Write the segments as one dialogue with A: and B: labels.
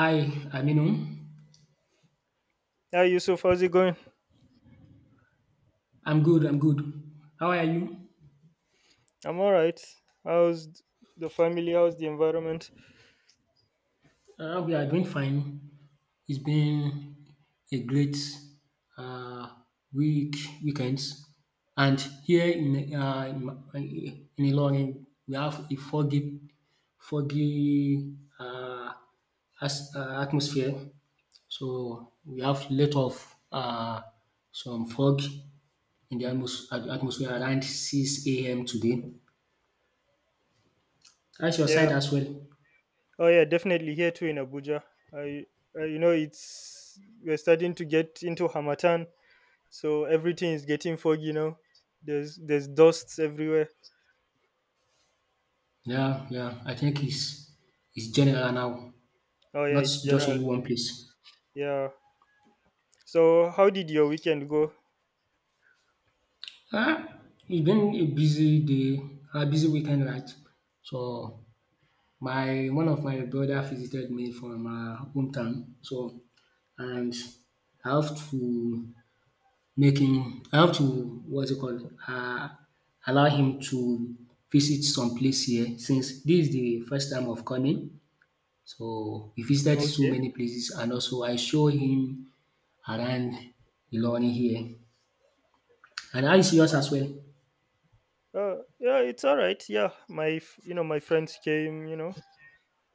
A: Hi, Aminu.
B: Hi Yusuf, how's it going?
A: I'm good. How are you?
B: I'm alright. How's the family? How's the environment?
A: We are doing fine. It's been a great uh, week, weekends. And here in in Ilorin, we have a foggy uh, atmosphere. So we have lot of uh, some fog in the atmosphere around 6 a.m. today. That's your
B: Yeah.
A: side as well.
B: Oh yeah, definitely here too in Abuja. I, I you know it's we're starting to get into Hamatan, so everything is getting foggy now. There's dusts everywhere.
A: Yeah. I think it's general now,
B: Oh yeah,
A: not
B: it's
A: just
B: general.
A: only one place.
B: Yeah. So how did your weekend go?
A: Ah, it's been a busy day, a busy weekend, right? So my one of my brother visited me from our hometown. So and I have to make him. I have to what's it called? Allow him to visit some place here since this is the first time of coming. So we visited so
B: Okay.
A: many places and also I show him around Ilorin here and I see us as well?
B: Uh, yeah, it's all right. Yeah, my friends came. You know,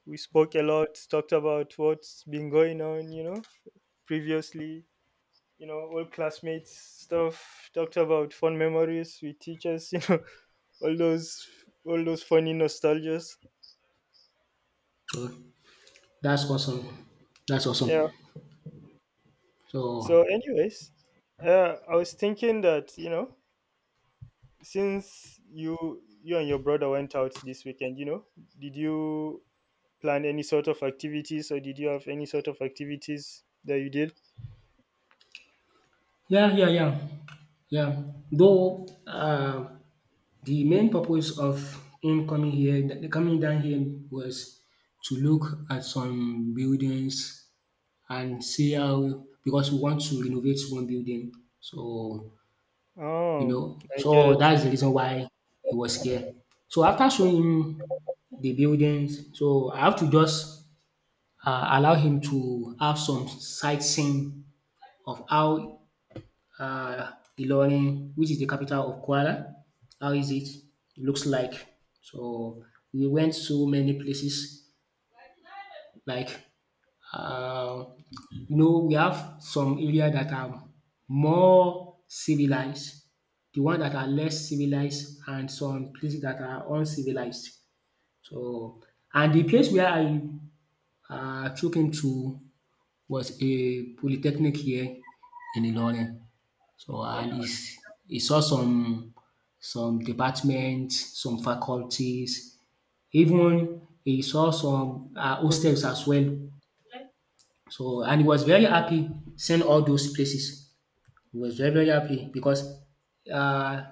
B: we spoke a lot, talked about what's been going on. Previously old classmates stuff, talked about fun memories with teachers, all those all those funny nostalgias.
A: Oh that's awesome, that's awesome.
B: Yeah.
A: So
B: So anyways, I was thinking that, since you and your brother went out this weekend, did you plan any sort of activities, or did you have any sort of activities that you did?
A: yeah, yeah, yeah, yeah. Though the main purpose of him coming coming down here was to look at some buildings and see how because we want to renovate one building. So you
B: Oh,
A: know.
B: I get
A: So
B: it.
A: that's the reason why he was scared. So after showing him the buildings, so I have to just allow him to have some sightseeing of how uh, Ilorin, which is the capital of Kwara, how is it looks like. So we went so many places like, um, you know, we have some area that are more civilized, the one that are less civilized and some places that are uncivilized. So, and the place where I took him to was a polytechnic here in Ilorin. So and is he saw some departments, some faculties, even he saw some hostels as well so and he was very happy seeing all those places. He was very, very happy because um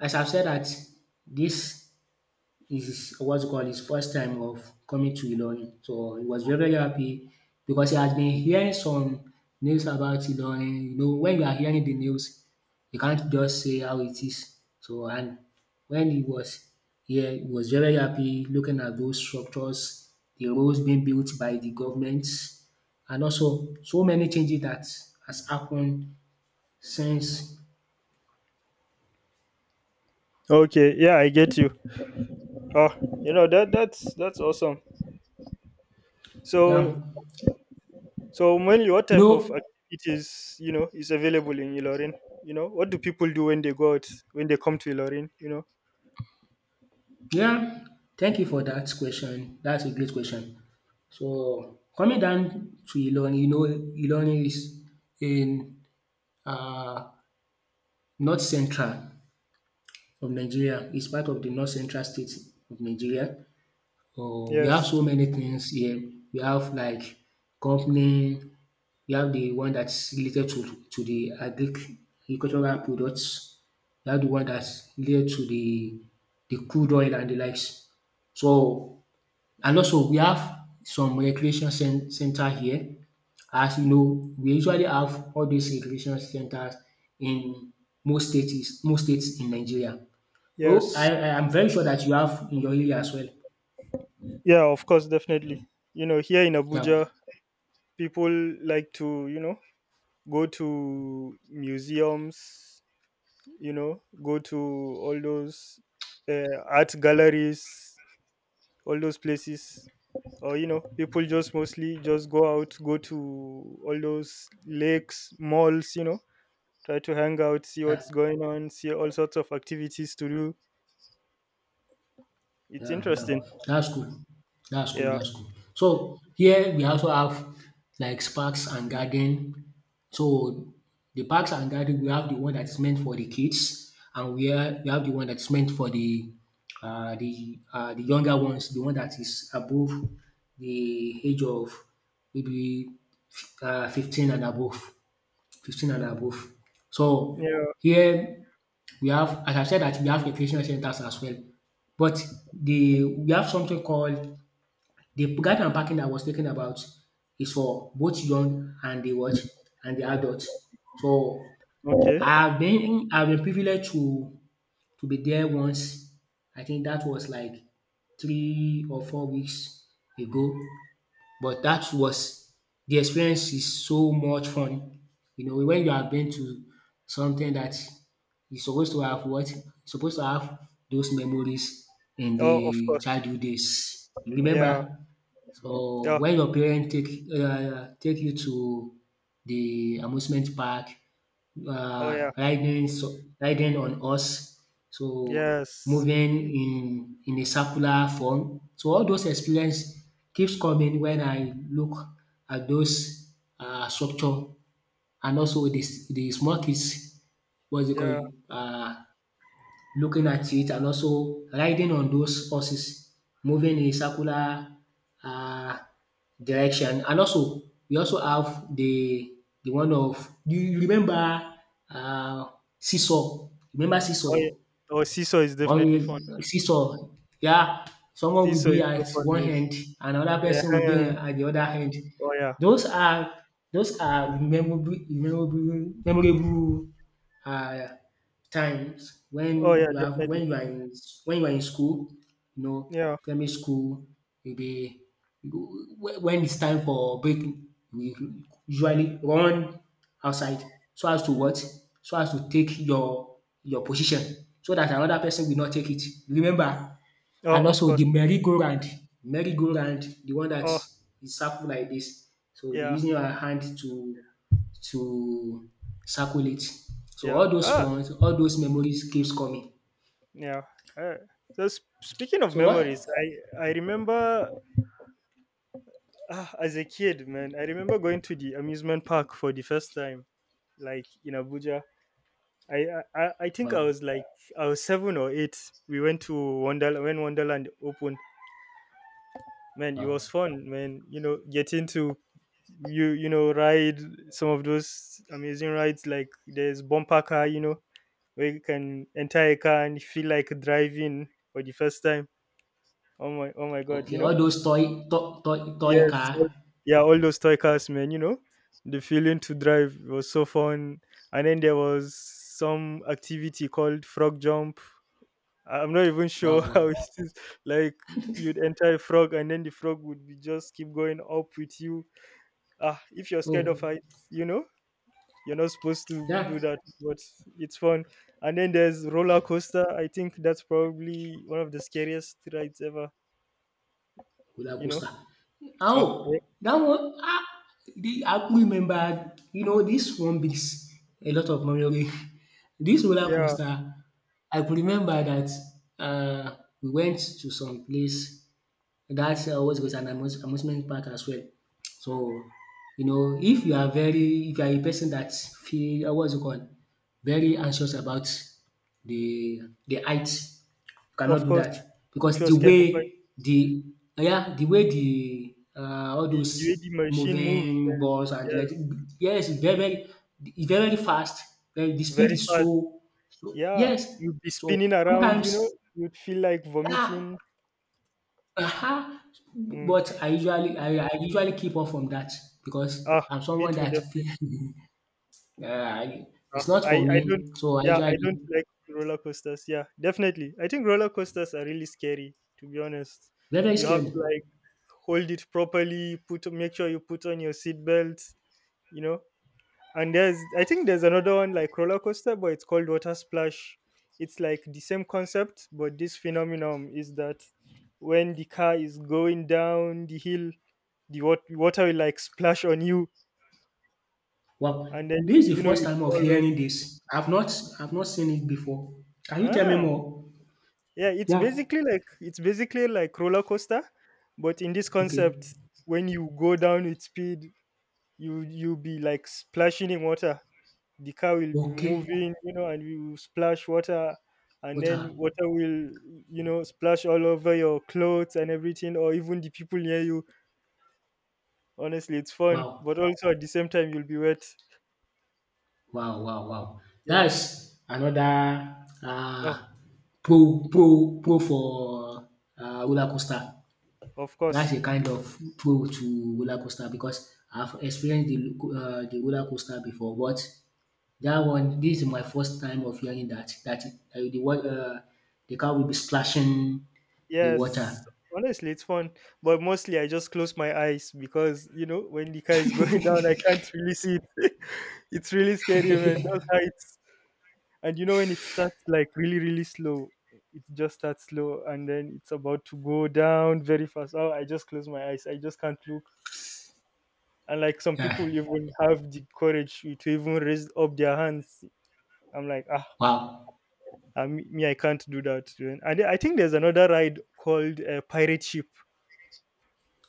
A: as I've said that this his what's you call his first time of coming to Ilorin. So he was very very happy because he has been hearing some news about Ilorin. You know when you are hearing the news you can't just say how it is. So and when he was here he was very happy looking at those structures, the roads being built by the government and also so many changes that has happened since.
B: Okay, yeah, I get you. Oh, you know that's awesome.
A: Yeah.
B: So So, Mel, what
A: You
B: type of
A: know.
B: activities is available in Ilorin? What do people do when they go out, when they come to Ilorin?
A: Yeah, thank you for that question. That's a great question. So coming down to Ilorin, you know Ilorin is in um north central of Nigeria. It's part of the north central state of Nigeria. We have so
B: Yes,
A: many things here. We have like company, we have the one that's related to the agricultural products, we have the one that's related to the crude oil and the likes. So. And also we have some recreation cen center here. As you know, we usually have all these recreation centers in most states in Nigeria. Oh, I
B: yes,
A: I am very sure that you have in your area as well.
B: yeah, of course, definitely. Here in
A: Yeah,
B: Abuja, people like to go to museums. Go to all those art galleries, all those places. Or people just mostly just go out, go to all those lakes, malls. Try to hang out, see
A: yeah.
B: what's going on, see all sorts of activities to do. It's
A: Yeah.
B: interesting.
A: That's cool. That's cool.
B: Yeah.
A: That's cool. So here we also have like parks and garden. So the parks and garden, we have the one that's meant for the kids, and we have the one that's meant for the the younger ones, the one that is above the age of maybe 15 and above, 15 and above. So
B: Yeah.
A: here we have, as I said that we have recreational centers as well. But the we have something called the garden and parking that I was talking about is for both young and the what and the adult. So
B: Okay.
A: I've been privileged to be there once. I think that was like 3 or 4 weeks ago but that was the experience is so much fun. You know, when you have been to something that is supposed to have what? Supposed to have those memories in
B: Oh, of
A: the
B: course.
A: childhood days. You
B: Yeah.
A: remember so
B: Yeah.
A: when your parent take you to the amusement park,
B: Oh, yeah.
A: riding so, riding on horse, so
B: Yes.
A: moving in a circular form. So all those experience keeps coming when I look at those structure and also the small kids what's it called
B: Yeah.
A: um looking at it and also riding on those horses, moving in a circular um direction. And also we also have the one of do you remember um seesaw? Remember
B: Oh, yeah.
A: seesaw?
B: Oh, seesaw is definitely fun.
A: Seesaw, yeah. Someone will
B: Seesaw
A: be
B: is so
A: at
B: fun,
A: one
B: man.
A: end, and another person will be
B: Yeah.
A: at the other end.
B: Oh, yeah.
A: Those are those are memorable um times
B: Oh, yeah.
A: when you have
B: Definitely.
A: when you are in when you are in school, you know,
B: Yeah.
A: primary school, you be you go- when it's time for break, we usually run outside so as to what? So as to take your position so that another person will not take it. Remember, and
B: Oh, of
A: also
B: course.
A: the merry-go-round. Merry-go-round, the one that
B: Oh,
A: is circle like this. So we'll be
B: yeah.
A: using our hand to circle it. So
B: Yeah.
A: all those
B: Ah,
A: ones, all those memories keeps coming.
B: yeah. Uh, so, speaking of
A: So
B: memories,
A: what?
B: I I remember as a kid, man, I remember going to the amusement park for the first time, like in Abuja. I think I
A: Wow,
B: was like I was 7 or 8. We went to Wonderland when Wonderland opened. Man, it was
A: wow.
B: fun, man. You know, getting to ride some of those amazing rides, like there's bumper car, you know, where you can enter a car and feel like driving for the first time. Oh my god, you
A: Okay,
B: know.
A: all those toy
B: Yes,
A: car.
B: all yeah, all those toy cars, man, you know, the feeling to drive was so fun. And then there was some activity called frog jump. I'm not even sure
A: Wow,
B: how
A: wow.
B: it is. Like you'd enter a frog and then the frog would be just keep going up with you. Ah, if you're scared
A: Oh,
B: of heights, you know, you're not supposed to do
A: yeah.
B: that, but it's fun. And then there's roller coaster. I think that's probably one of the scariest rides ever,
A: Roller
B: you know.
A: coaster. How?
B: Oh,
A: Dat one ah the I could remember you know this one brings a lot of memory. This roller
B: yeah,
A: coaster I could remember dat um we went to some place that's always goes an amusement park as well. So, you know, if you are very, if you are a person that feel, what's it called, very anxious about the the height, you
B: of
A: cannot do
B: course.
A: that
B: If
A: because
B: you're
A: the
B: scared of...
A: way the yeah the way the all
B: The way
A: those
B: the machine moves, man.
A: moving balls and like
B: Yes.
A: yes, it's very very fast. The speed
B: Very
A: is
B: fast.
A: so, so
B: Yeah.
A: yes.
B: You'd be
A: So
B: spinning around, you know,
A: sometimes
B: you'd feel like
A: yeah.
B: vomiting.
A: Aha!
B: Mm.
A: But I usually keep off from that because
B: Ah,
A: I'm
B: me
A: someone
B: too,
A: that
B: definitely.
A: feel I
B: Ah,
A: it's not
B: I,
A: for
B: I don't,
A: me, so I
B: yeah, I don't
A: usually
B: like roller coasters. Yeah, definitely. I think roller coasters are really scary, to be honest.
A: very, very
B: You have to
A: scary.
B: like hold it properly, put, make sure you put on your seat belt, you know. And there's, I think there's another one like roller coaster, but it's called water splash. It's like the same concept, but this phenomenon is that when the car is going down the hill, the water will like splash on you, and
A: Well,
B: then
A: this is
B: you
A: the
B: know
A: first
B: you
A: time of
B: fall wet.
A: hearing this. I've not seen it before. Can you tell me
B: ah
A: more?
B: yeah, it's
A: Yeah.
B: basically like it's basically like roller coaster, but in this
A: Okay.
B: concept, when you go down with speed, you be like splashing in water. The car will be
A: Okay.
B: moving, you know, and we will splash water, and
A: What ah,
B: then water will, you know, splash all over your clothes and everything, or even the people near you. Honestly, it's fun,
A: wow,
B: but also at the same time, you'll be wet.
A: wow!
B: Yeah.
A: That's another, ah,
B: Oh,
A: pro pro pro for, ah, roller coaster.
B: of
A: That's
B: course.
A: a kind of pro to roller coaster because I've experienced the roller coaster before, but that one this is my first time of hearing that the wa- uh, the car will be splashing the water.
B: Yes. Honestly, it's fun, but mostly I just close my eyes because you know when the car is going down, I can't really see it. It's really scary, man. Those heights. And you know when it starts like really really slow, it just starts slow and then it's about to go down very fast. Oh, I just close my eyes, I just can't look. And like some
A: Yeah.
B: people even have the courage to even raise up their hands. I'm like ah.
A: Wow.
B: Me, I can't do that. And then I think there's another ride called pirate ship.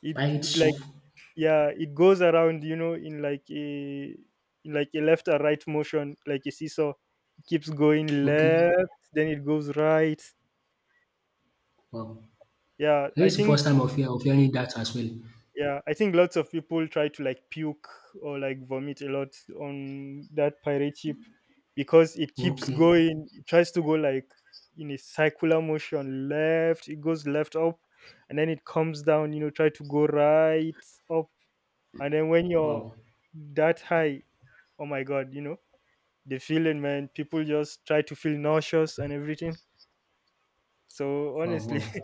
B: it
A: Pirate
B: it like,
A: ship.
B: yeah, it goes around, you know, in like a left or right motion, like a seesaw. It keeps going
A: Okay.
B: left, then it goes right.
A: Wow.
B: Yeah, I
A: This is the
B: think...
A: first time of hearing that as well.
B: yeah, I think lots of people try to like puke or like vomit a lot on that pirate ship, because it keeps
A: Okay.
B: going, it tries to go like in a circular motion, left. It goes left up and then it comes down, you know, try to go right up. And then when you're
A: Wow.
B: that high, oh my god, you know, the feeling, man. People just try to feel nauseous and everything. So
A: Wow.
B: honestly,
A: Wow.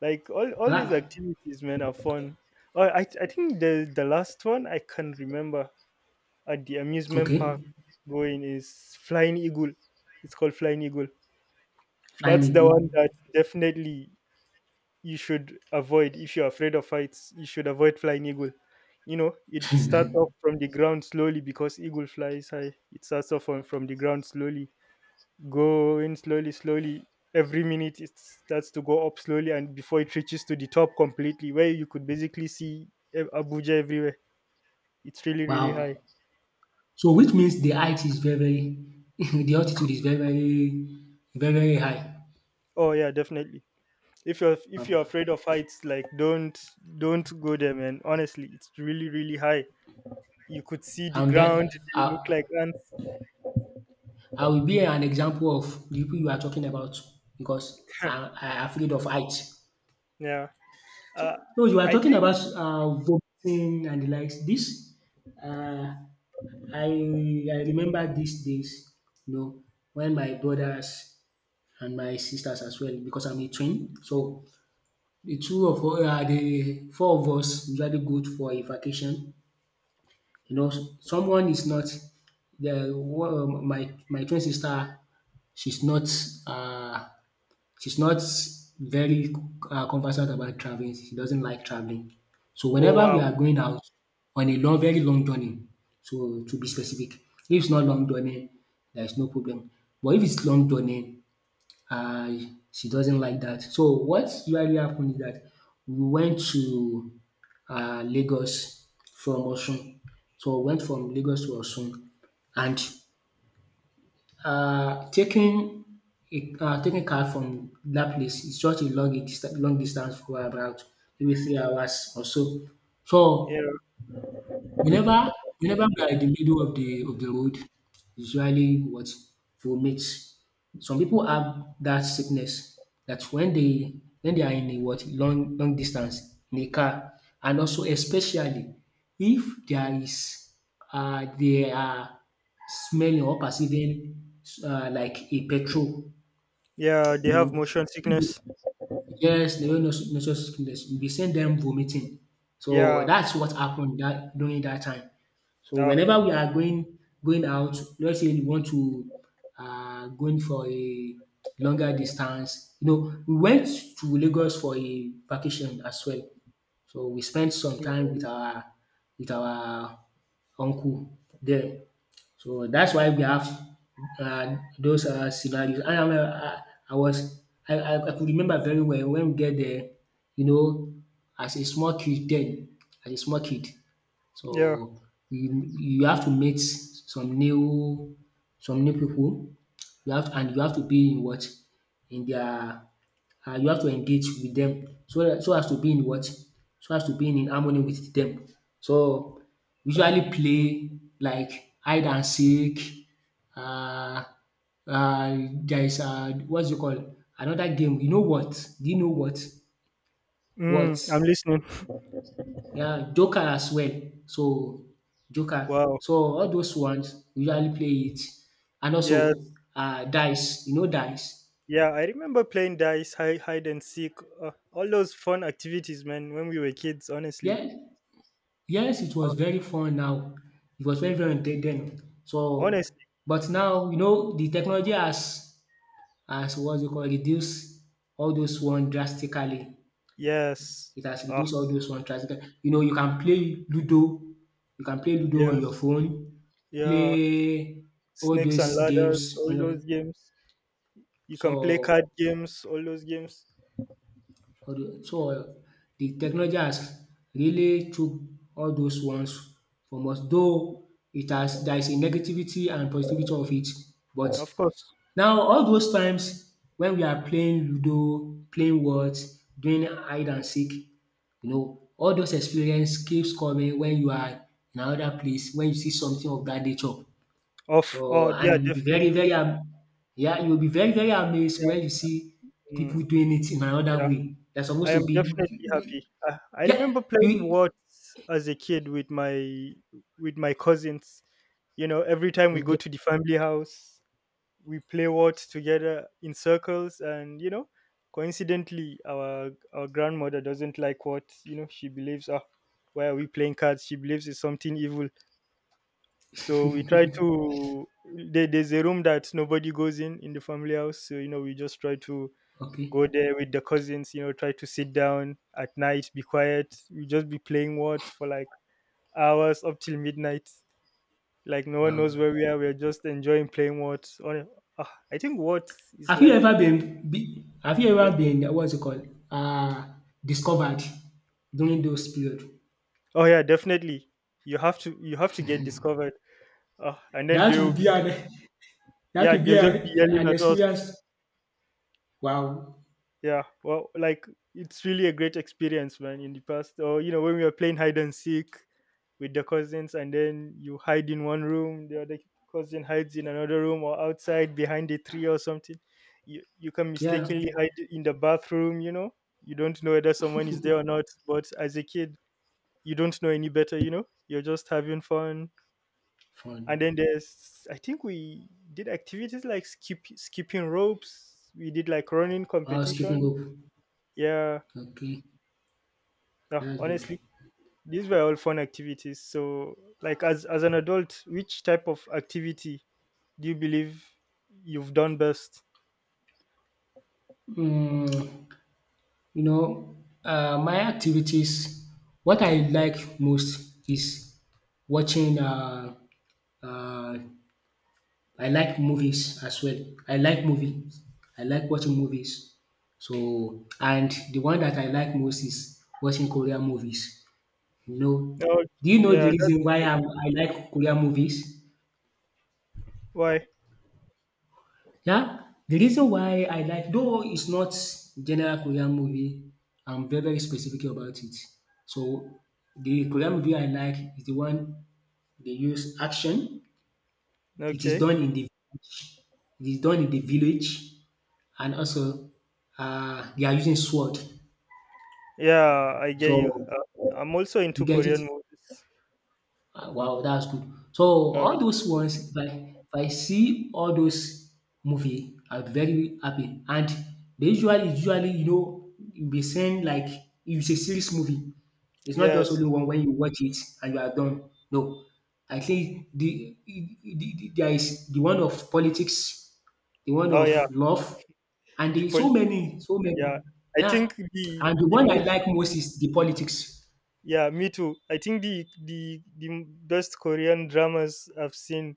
B: like all these
A: Ah.
B: activities, man, are fun. Oh, I think the last one I can remember at the amusement
A: Okay.
B: park going is Flying Eagle. It's called Flying Eagle.
A: Flying
B: That's the
A: eagle.
B: one that definitely you should avoid if you're afraid of heights. You should avoid Flying Eagle. You know, it starts off from the ground slowly because eagle flies high. It starts off on, from the ground slowly, going slowly, slowly. Every minute it starts to go up slowly, and before it reaches to the top completely, where you could basically see, eh, Abuja everywhere. It's really, really high.
A: Wow. So which means the height is very very the altitude is very very very very high.
B: Oh yeah, definitely. If
A: Now
B: you're afraid of heights, like don't go there, man. Honestly, it's really, really high. You could see the
A: and
B: ground.
A: then
B: They look
A: I
B: like ants.
A: I will be an example of the people you are talking about because I I am afraid of height.
B: Yeah.
A: So
B: Uh,
A: so you are
B: I
A: talking
B: think.
A: about vomiting and the likes. This um I I remember these days you know when my brothers and my sisters as well because I'm a twin so the four of us usually go for a vacation. You know someone is not the one uh, my twin sister she's not uh she's not very conversant about traveling. She doesn't like traveling. So
B: Oh
A: whenever we
B: wow.
A: are going out on a long very long journey so to be specific, if it's not long journey there is no problem but if it's long journey uh, she doesn't like that. So what usually happened is that we went to Lagos from Osun. So we went from Lagos to Osun and taking a taking car from that place is such a long distance for about maybe 3 hours or so. So
B: Yeah.
A: whenever we are in the middle of the road, usually what? Vomits. Some people have that sickness that when they are in a what? Long distance in a car and also especially if there is they are smelling or perceiving like a petrol,
B: Yeah. They
A: you
B: have
A: know,
B: motion sickness.
A: yes, they were not nauseous sickness. We send them vomiting. So
B: Yeah.
A: that's what happened that during that time. So
B: Ah.
A: whenever we are going going out, let's say we want to going for a longer distance, you know, we went to Lagos for a vacation as well. So we spent some time with our uncle there. So that's why we have those scenarios. I, am, I was I could remember very well when we get there, you know, as a small kid then, as a small kid.
B: Yeah.
A: So you have to meet some new people you have to, and you have to be in what? In their you have to engage with them. So dat so as to be in what? So as to be in harmony with them. So usually play like hide and seek. Um um there is um what's it called? Another game, you know what? Do you know what? What?
B: Mm, I'm listening.
A: Yeah, joker as well. So joker.
B: Wow.
A: So all those ones usually play it, and
B: Yeah.
A: also dice. You know dice?
B: Yeah, I remember playing dice, hide and seek, all those fun activities, man, when we were kids, honestly.
A: Yes, yes, it
B: Uh,
A: was very fun now. It was very, very then. So,
B: Honestly,
A: but now, you know, the technology has what you call reduced all those one drastically.
B: yes.
A: It has
B: Ah,
A: reduced all those one drastically. You know, you can play Ludo, you can play Ludo on your
B: yes.
A: phone,
B: Yeah.
A: play all
B: Snakes and
A: these
B: ladders,
A: games
B: all
A: on your
B: those games. You can play card
A: so
B: games, all those games.
A: So, the technology has really took all those ones from us, though it has, there is a negativity and positivity of it. But
B: Of course.
A: now all those times when we are playing ludo, playing wards, doing hide and seek, you know, all those experience keeps coming when you are in another place, when you see something of dat nature.
B: Of
A: So
B: Oh yeah,
A: and you'll be very,
B: definitely.
A: very am yeah, you'll be very, very amazed
B: Yeah.
A: when you see people
B: Mm,
A: doing it in another
B: yeah.
A: way. They're
B: I
A: supposed to
B: am
A: be
B: definitely happy.
A: we-
B: I
A: yeah,
B: remember playing
A: you
B: Words as a kid with my cousins. You know, every time we go
A: okay,
B: to the family house, we play what together in circles. And you know, coincidentally, our grandmother doesn't like what, you know. She believes, ah, why are we playing cards? She believes it's something evil. So we try to... there's a room that nobody goes in the family house, so you know, we just try to go
A: okay.
B: there with the cousins, you know, try to sit down at night, be quiet. We just be playing what for like hours up till midnight, like no one
A: Wow.
B: knows where we are, we're just enjoying playing what on, ah, I think what is
A: Have you
B: like...
A: ever have you ever
B: Best.
A: been what's it called? Discovered during those period?
B: Oh yeah, definitely. You have to get discovered. And then
A: That
B: they will
A: will
B: be,
A: be an that
B: yeah,
A: will be
B: they'll just be yelling
A: an
B: at us.
A: experience. Wow.
B: Yeah. Well, like, it's really a great experience, man, in the past. Or you know, when we were playing hide and seek with the cousins and then you hide in one room, the other cousin hides in another room or outside behind a tree or something. You can
A: Yeah.
B: mistakenly hide in the bathroom, you know. You don't know whether someone is there or not, but as a kid, you don't know any better, you know. You're just having fun. And
A: Fun.
B: then there's, I think, we did activities like skipping ropes, we did like running
A: Oh, skipping
B: competition.
A: rope.
B: Yeah,
A: Okay.
B: yeah,
A: That's good.
B: honestly, these were all fun activities. So like, as an adult, which type of activity do you believe you've done best?
A: Hmm. You know, my activities, what I like most is watching um I like movies as well. I like movies. I like watching movies. So and the one that I like most is watching Korean movies. You know,
B: Oh
A: do you know the
B: yeah, that's
A: reason why I like Korean movies?
B: why.
A: Yeah, the reason why I like, though it's not general Korean movie, I'm very, very specific about it. So the Korean movie I like is the one they use action. It is
B: Okay,
A: done in the village, and also they are using sword.
B: yeah, I get you.
A: So
B: I'm also into
A: you get it?
B: Korean movies.
A: Ah, wow, that's good. So
B: uh,
A: all those ones, if I see all those movie, I'll be very happy. And they usually you know you be send like it's a series movie. It's not just only
B: yes.
A: one when you watch it and you are done. No, I think there is the one of politics, the one
B: Oh yeah,
A: of love, and
B: the
A: there's so
B: police,
A: many, so
B: yeah,
A: many.
B: I
A: Yeah,
B: think the
A: and the
B: the
A: one I
B: most.
A: like most is the politics.
B: Yeah, me too. I think the best Korean dramas I've seen,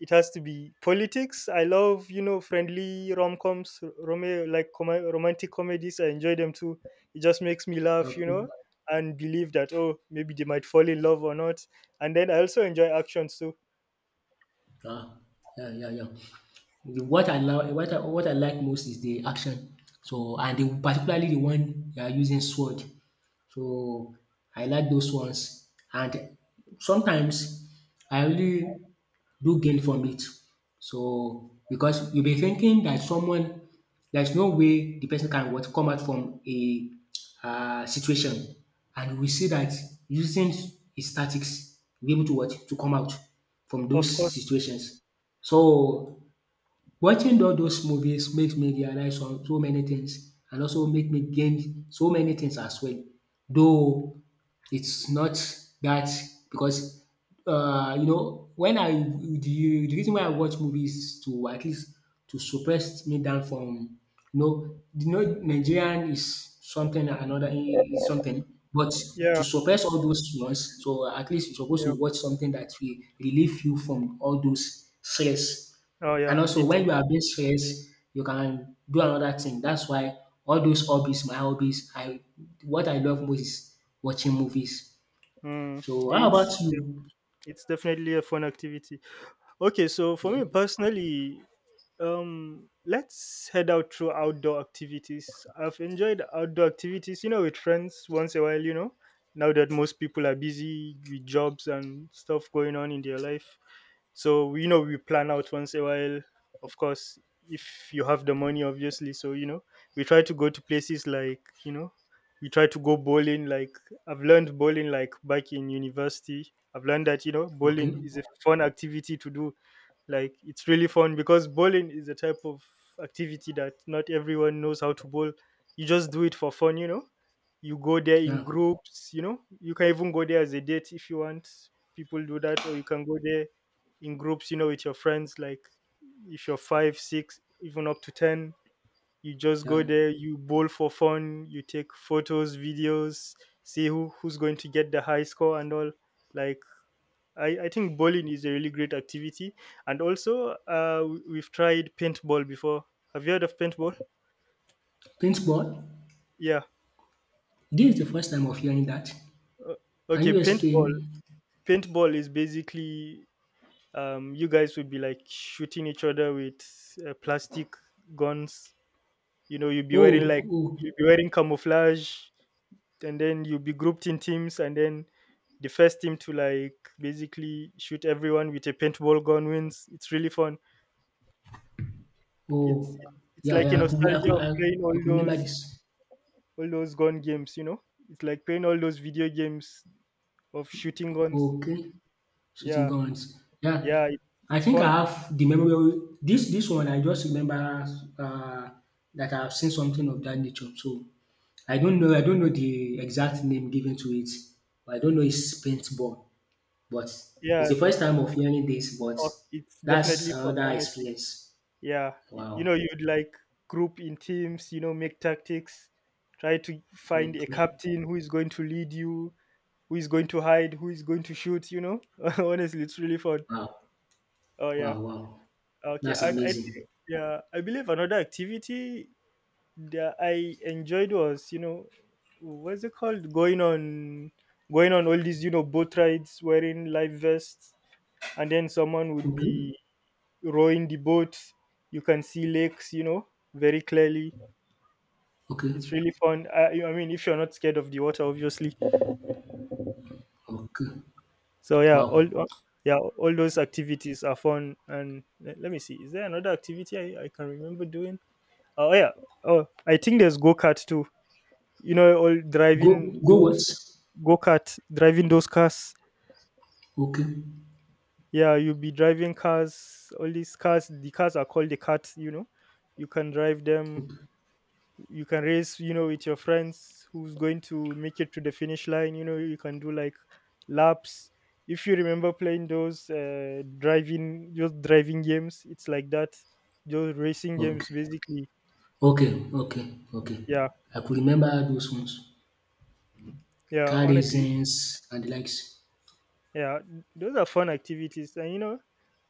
B: it has to be politics. I love, you know, friendly rom coms, romantic comedies. I enjoy them too. It just makes me laugh, you know,
A: Okay.
B: and believe that, oh, maybe they might fall in love or not. And then I also enjoy actions too,
A: Ah, yeah, yeah, yeah. The what I like most is the action. So and the particularly the one they are using sword. So I like those ones and sometimes I really do gain from it. So because you'll be thinking that someone there's no way the person can what come out from a situation, and we see that using his tactics be able to what to come out from
B: of
A: those
B: course.
A: situations. So watching all those movies makes me realize on so many things, and also make me gain so many things as well. Though it's not that because you know when I the reason why I watch movies is to at least to suppress me down from you know Nigerian is something and another is something, but
B: Yeah,
A: to suppress all those ones so at least you supposed
B: yeah.
A: to watch something that will relieve you from all those stress,
B: Oh yeah,
A: and also
B: it
A: when you are being stressed, you can do another thing. That's why all those hobbies, my hobbies, I what I love most is watching movies.
B: mm,
A: So how about
B: it's yeah,
A: you?
B: it's definitely a fun activity. Okay, so for
A: Yeah.
B: me personally, let's head out through outdoor activities. I've enjoyed outdoor activities, you know, with friends once a while, you know. Now that most people are busy with jobs and stuff going on in their life. So, you know, we plan out once a while, of course, if you have the money, obviously. So, you know, we try to go to places like, we try to go bowling. I've learned bowling like back in university. I've learned that,
A: Okay.
B: bowling is a fun activity to do like it's really fun because bowling is a type of activity that not everyone knows how to bowl. You just do it for fun, you know. You go there in
A: Yeah.
B: groups, you know. You can even go there as a date if you want. People do that, or you can go there in groups, you know, with your friends. Like if you're five, six, even up to ten, you just go
A: Yeah.
B: there, you bowl for fun, you take photos, videos, see who's going to get the high score and all. Like I think bowling is a really great activity. And also, we've tried paintball before. Have you heard of paintball?
A: Paintball.
B: Yeah.
A: This is the first time of hearing that.
B: Uh,
A: Can
B: okay,
A: you
B: paintball.
A: explain?
B: Paintball is basically you guys would be like shooting each other with plastic guns. You know, you'd be wearing
A: Oh,
B: like,
A: oh,
B: you'd be wearing camouflage, and then you'll be grouped in teams, and then the first team to like basically shoot everyone with a paintball gun wins. It's really fun. It's
A: oh.
B: it's
A: Yeah,
B: like a
A: yeah, I could, I
B: nostalgia
A: could,
B: of
A: I, I
B: playing
A: could remember this.
B: all those gun games, you know? It's like playing all those video games of shooting guns.
A: Okay. Shooting
B: Yeah,
A: guns. Yeah,
B: yeah,
A: I
B: it's
A: think I
B: fun.
A: have the memory of this this one. I just remember uh, that I've seen something of that nature. So I don't know. I don't know the exact name given to it. I don't know it's paintball, but it's
B: Yeah,
A: the first time of hearing this. But
B: oh, it's
A: that's
B: definitely fun,
A: another
B: honestly.
A: experience.
B: Yeah, you
A: Wow.
B: know, you'd like group in teams, you know, make tactics, try to find a
A: Okay.
B: captain who is going to lead you, who is going to hide, who is going to shoot, you know? Honestly, it's really fun.
A: Wow.
B: Oh, yeah.
A: Wow. Wow.
B: Okay.
A: That's
B: And I
A: amazing.
B: think, yeah, I believe another activity that I enjoyed was, you know, what's it called? Going on all these, you know, boat rides wearing life vests and then someone would
A: Okay.
B: be rowing the boat. You can see lakes, you know, very clearly.
A: Okay.
B: It's really fun. I mean, if you're not scared of the water, obviously.
A: Okay.
B: So yeah,
A: Wow.
B: yeah, all those activities are fun. And let me see, is there another activity I can remember doing? Oh yeah, oh I think there's go kart too, you know, all
A: Go.
B: driving
A: Go. What?
B: those go kart, driving those cars.
A: Okay.
B: Yeah, you'll be driving cars. All these cars, the cars are called the carts. You know, you can drive them.
A: Okay.
B: You can race. You know, with your friends who's going to make it to the finish line. You know, you can do like laps. If you remember playing those just driving games, it's like that. Those racing games,
A: Okay.
B: basically.
A: Okay, okay, okay.
B: Yeah,
A: I could remember those ones.
B: yeah.
A: Car
B: Honestly,
A: raisins and the likes.
B: yeah. Those are fun activities, and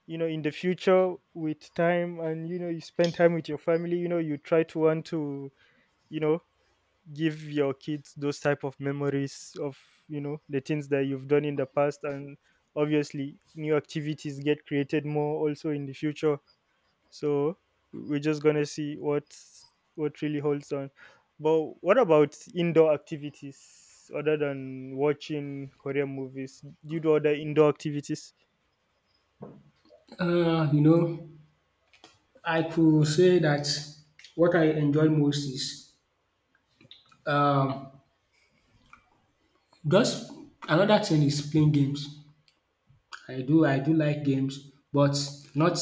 B: you know in the future with time, and you know you spend time with your family, you know you try to want to, you know, give your kids those type of memories of, you know, the things that you've done in the past. And obviously new activities get created more also in the future, so we're just gonna see what really holds on. But what about indoor activities other than watching Korean movies? Do you do other indoor activities?
A: You know, I could say that what I enjoy most is um just another thing is playing games. I do like games, but not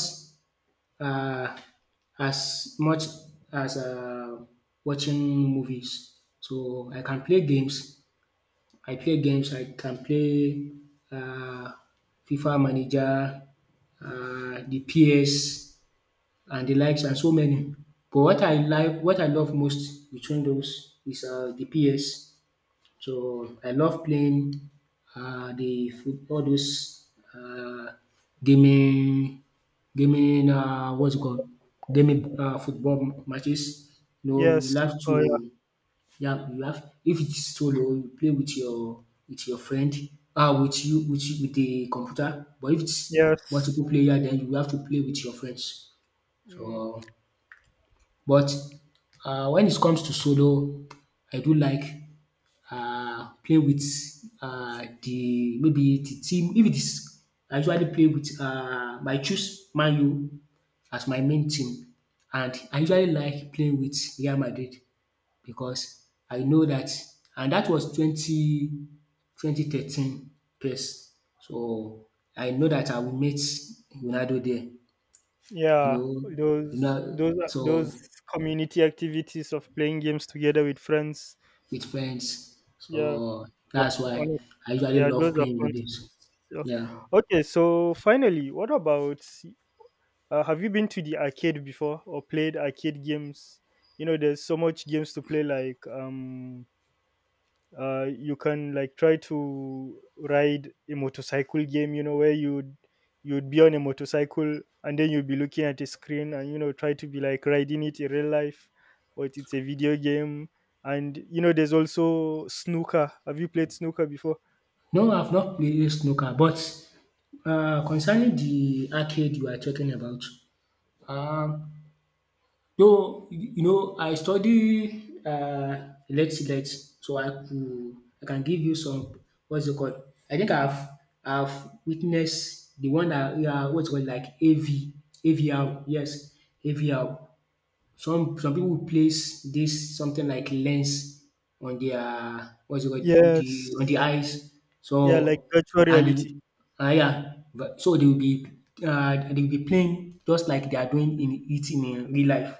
A: uh as much as watching movies. So I can play games I can play uh, FIFA manager, the PS and the likes and so many. But what I love most between those is the PS. So I love playing the all those gaming gaming what's it called gaming football matches. You know you
B: Yes,
A: have to
B: oh yeah,
A: yeah, you have if it's solo, you play with your friend, ah, with the computer. But if it's
B: yes.
A: multiple player, then you have to play with your friends.
B: Mm,
A: So, but when it comes to solo, I do like play with the maybe the team. If it is, I usually play with I choose Man U as my main team, and I usually like playing with Real Madrid, because I know that, and that was twenty twenty thirteen, yes. So I know that I will meet Ronaldo there, you
B: yeah,
A: know, you know, so
B: those community activities of playing games together with friends.
A: with friends.
B: Yeah,
A: So
B: uh,
A: that's why
B: honest,
A: I usually
B: yeah, those
A: love
B: are
A: playing
B: fun.
A: with it.
B: So-
A: Yeah.
B: okay, so finally, what about? Have you been to the arcade before or played arcade games? You know, there's so much games to play, like you can like try to ride a motorcycle game, you know, where you'd be on a motorcycle and then you'd be looking at a screen and you know try to be like riding it in real life, but it's a video game. And you know there's also snooker. Have you played snooker before?
A: No, I've not played snooker, but concerning the arcade you are talking about, um no, you know I study Lets-Let, so I could I can give you some what's it called, I think I've witnessed the one that, yeah, what's it called, like AV AVR, yes, AVR. Some people place this something like lens on their what's it called, the on the
B: Yes,
A: eyes,
B: yeah, like
A: so
B: virtual
A: and the
B: reality.
A: yeah, but so they will be playing just like they are doing in it in real life.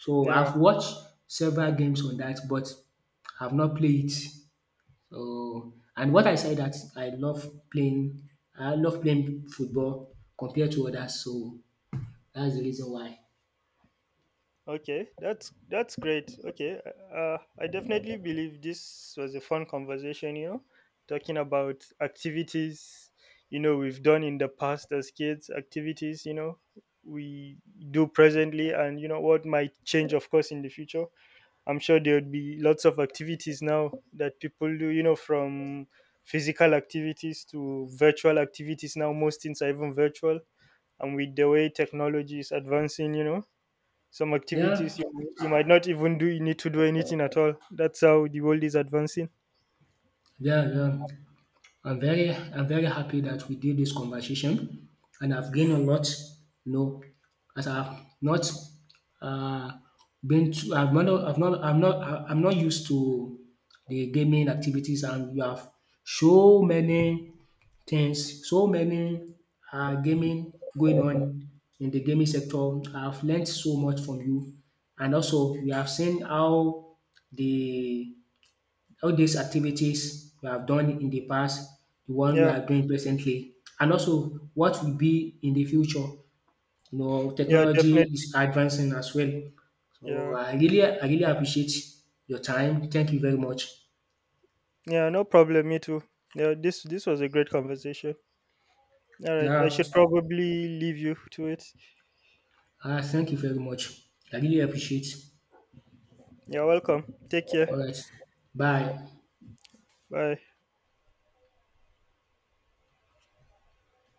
A: So
B: Yeah.
A: I've watched several games on that, but I've not played it. So and what I said that I love playing football compared to others, so that's the reason why.
B: Okay, that's great. Okay, I definitely believe this was a fun conversation. You know, talking about activities, you know, we've done in the past as kids, activities, you know, we do presently, and you know what might change, of course, in the future. I'm sure there would be lots of activities now that people do. You know, from physical activities to virtual activities now. Most things are even virtual, and with the way technology is advancing, you know some
A: Yeah,
B: activities you, you might not even do, you need to do anything at all. That's how the world is advancing.
A: yeah, yeah. I'm very happy that we did this conversation, and I've gained a lot, you know, as I've not uh, been to I'm not used to the gaming activities, and you have so many things, so many gaming going on in the gaming sector. I've learned so much from you, and also we have seen how the all these activities we have done in the past, the one we
B: Yeah,
A: are doing presently, and also what will be in the future. You know,
B: yeah,
A: technology
B: definitely.
A: is advancing as well. So
B: Yeah,
A: I really appreciate your time. Thank you very much.
B: yeah, no problem, me too. Yeah, this was a great conversation. All right, I
A: Yeah,
B: should probably leave you to it.
A: thank you very much. I really appreciate.
B: You're welcome, take care.
A: All right. Bye.
B: Bye.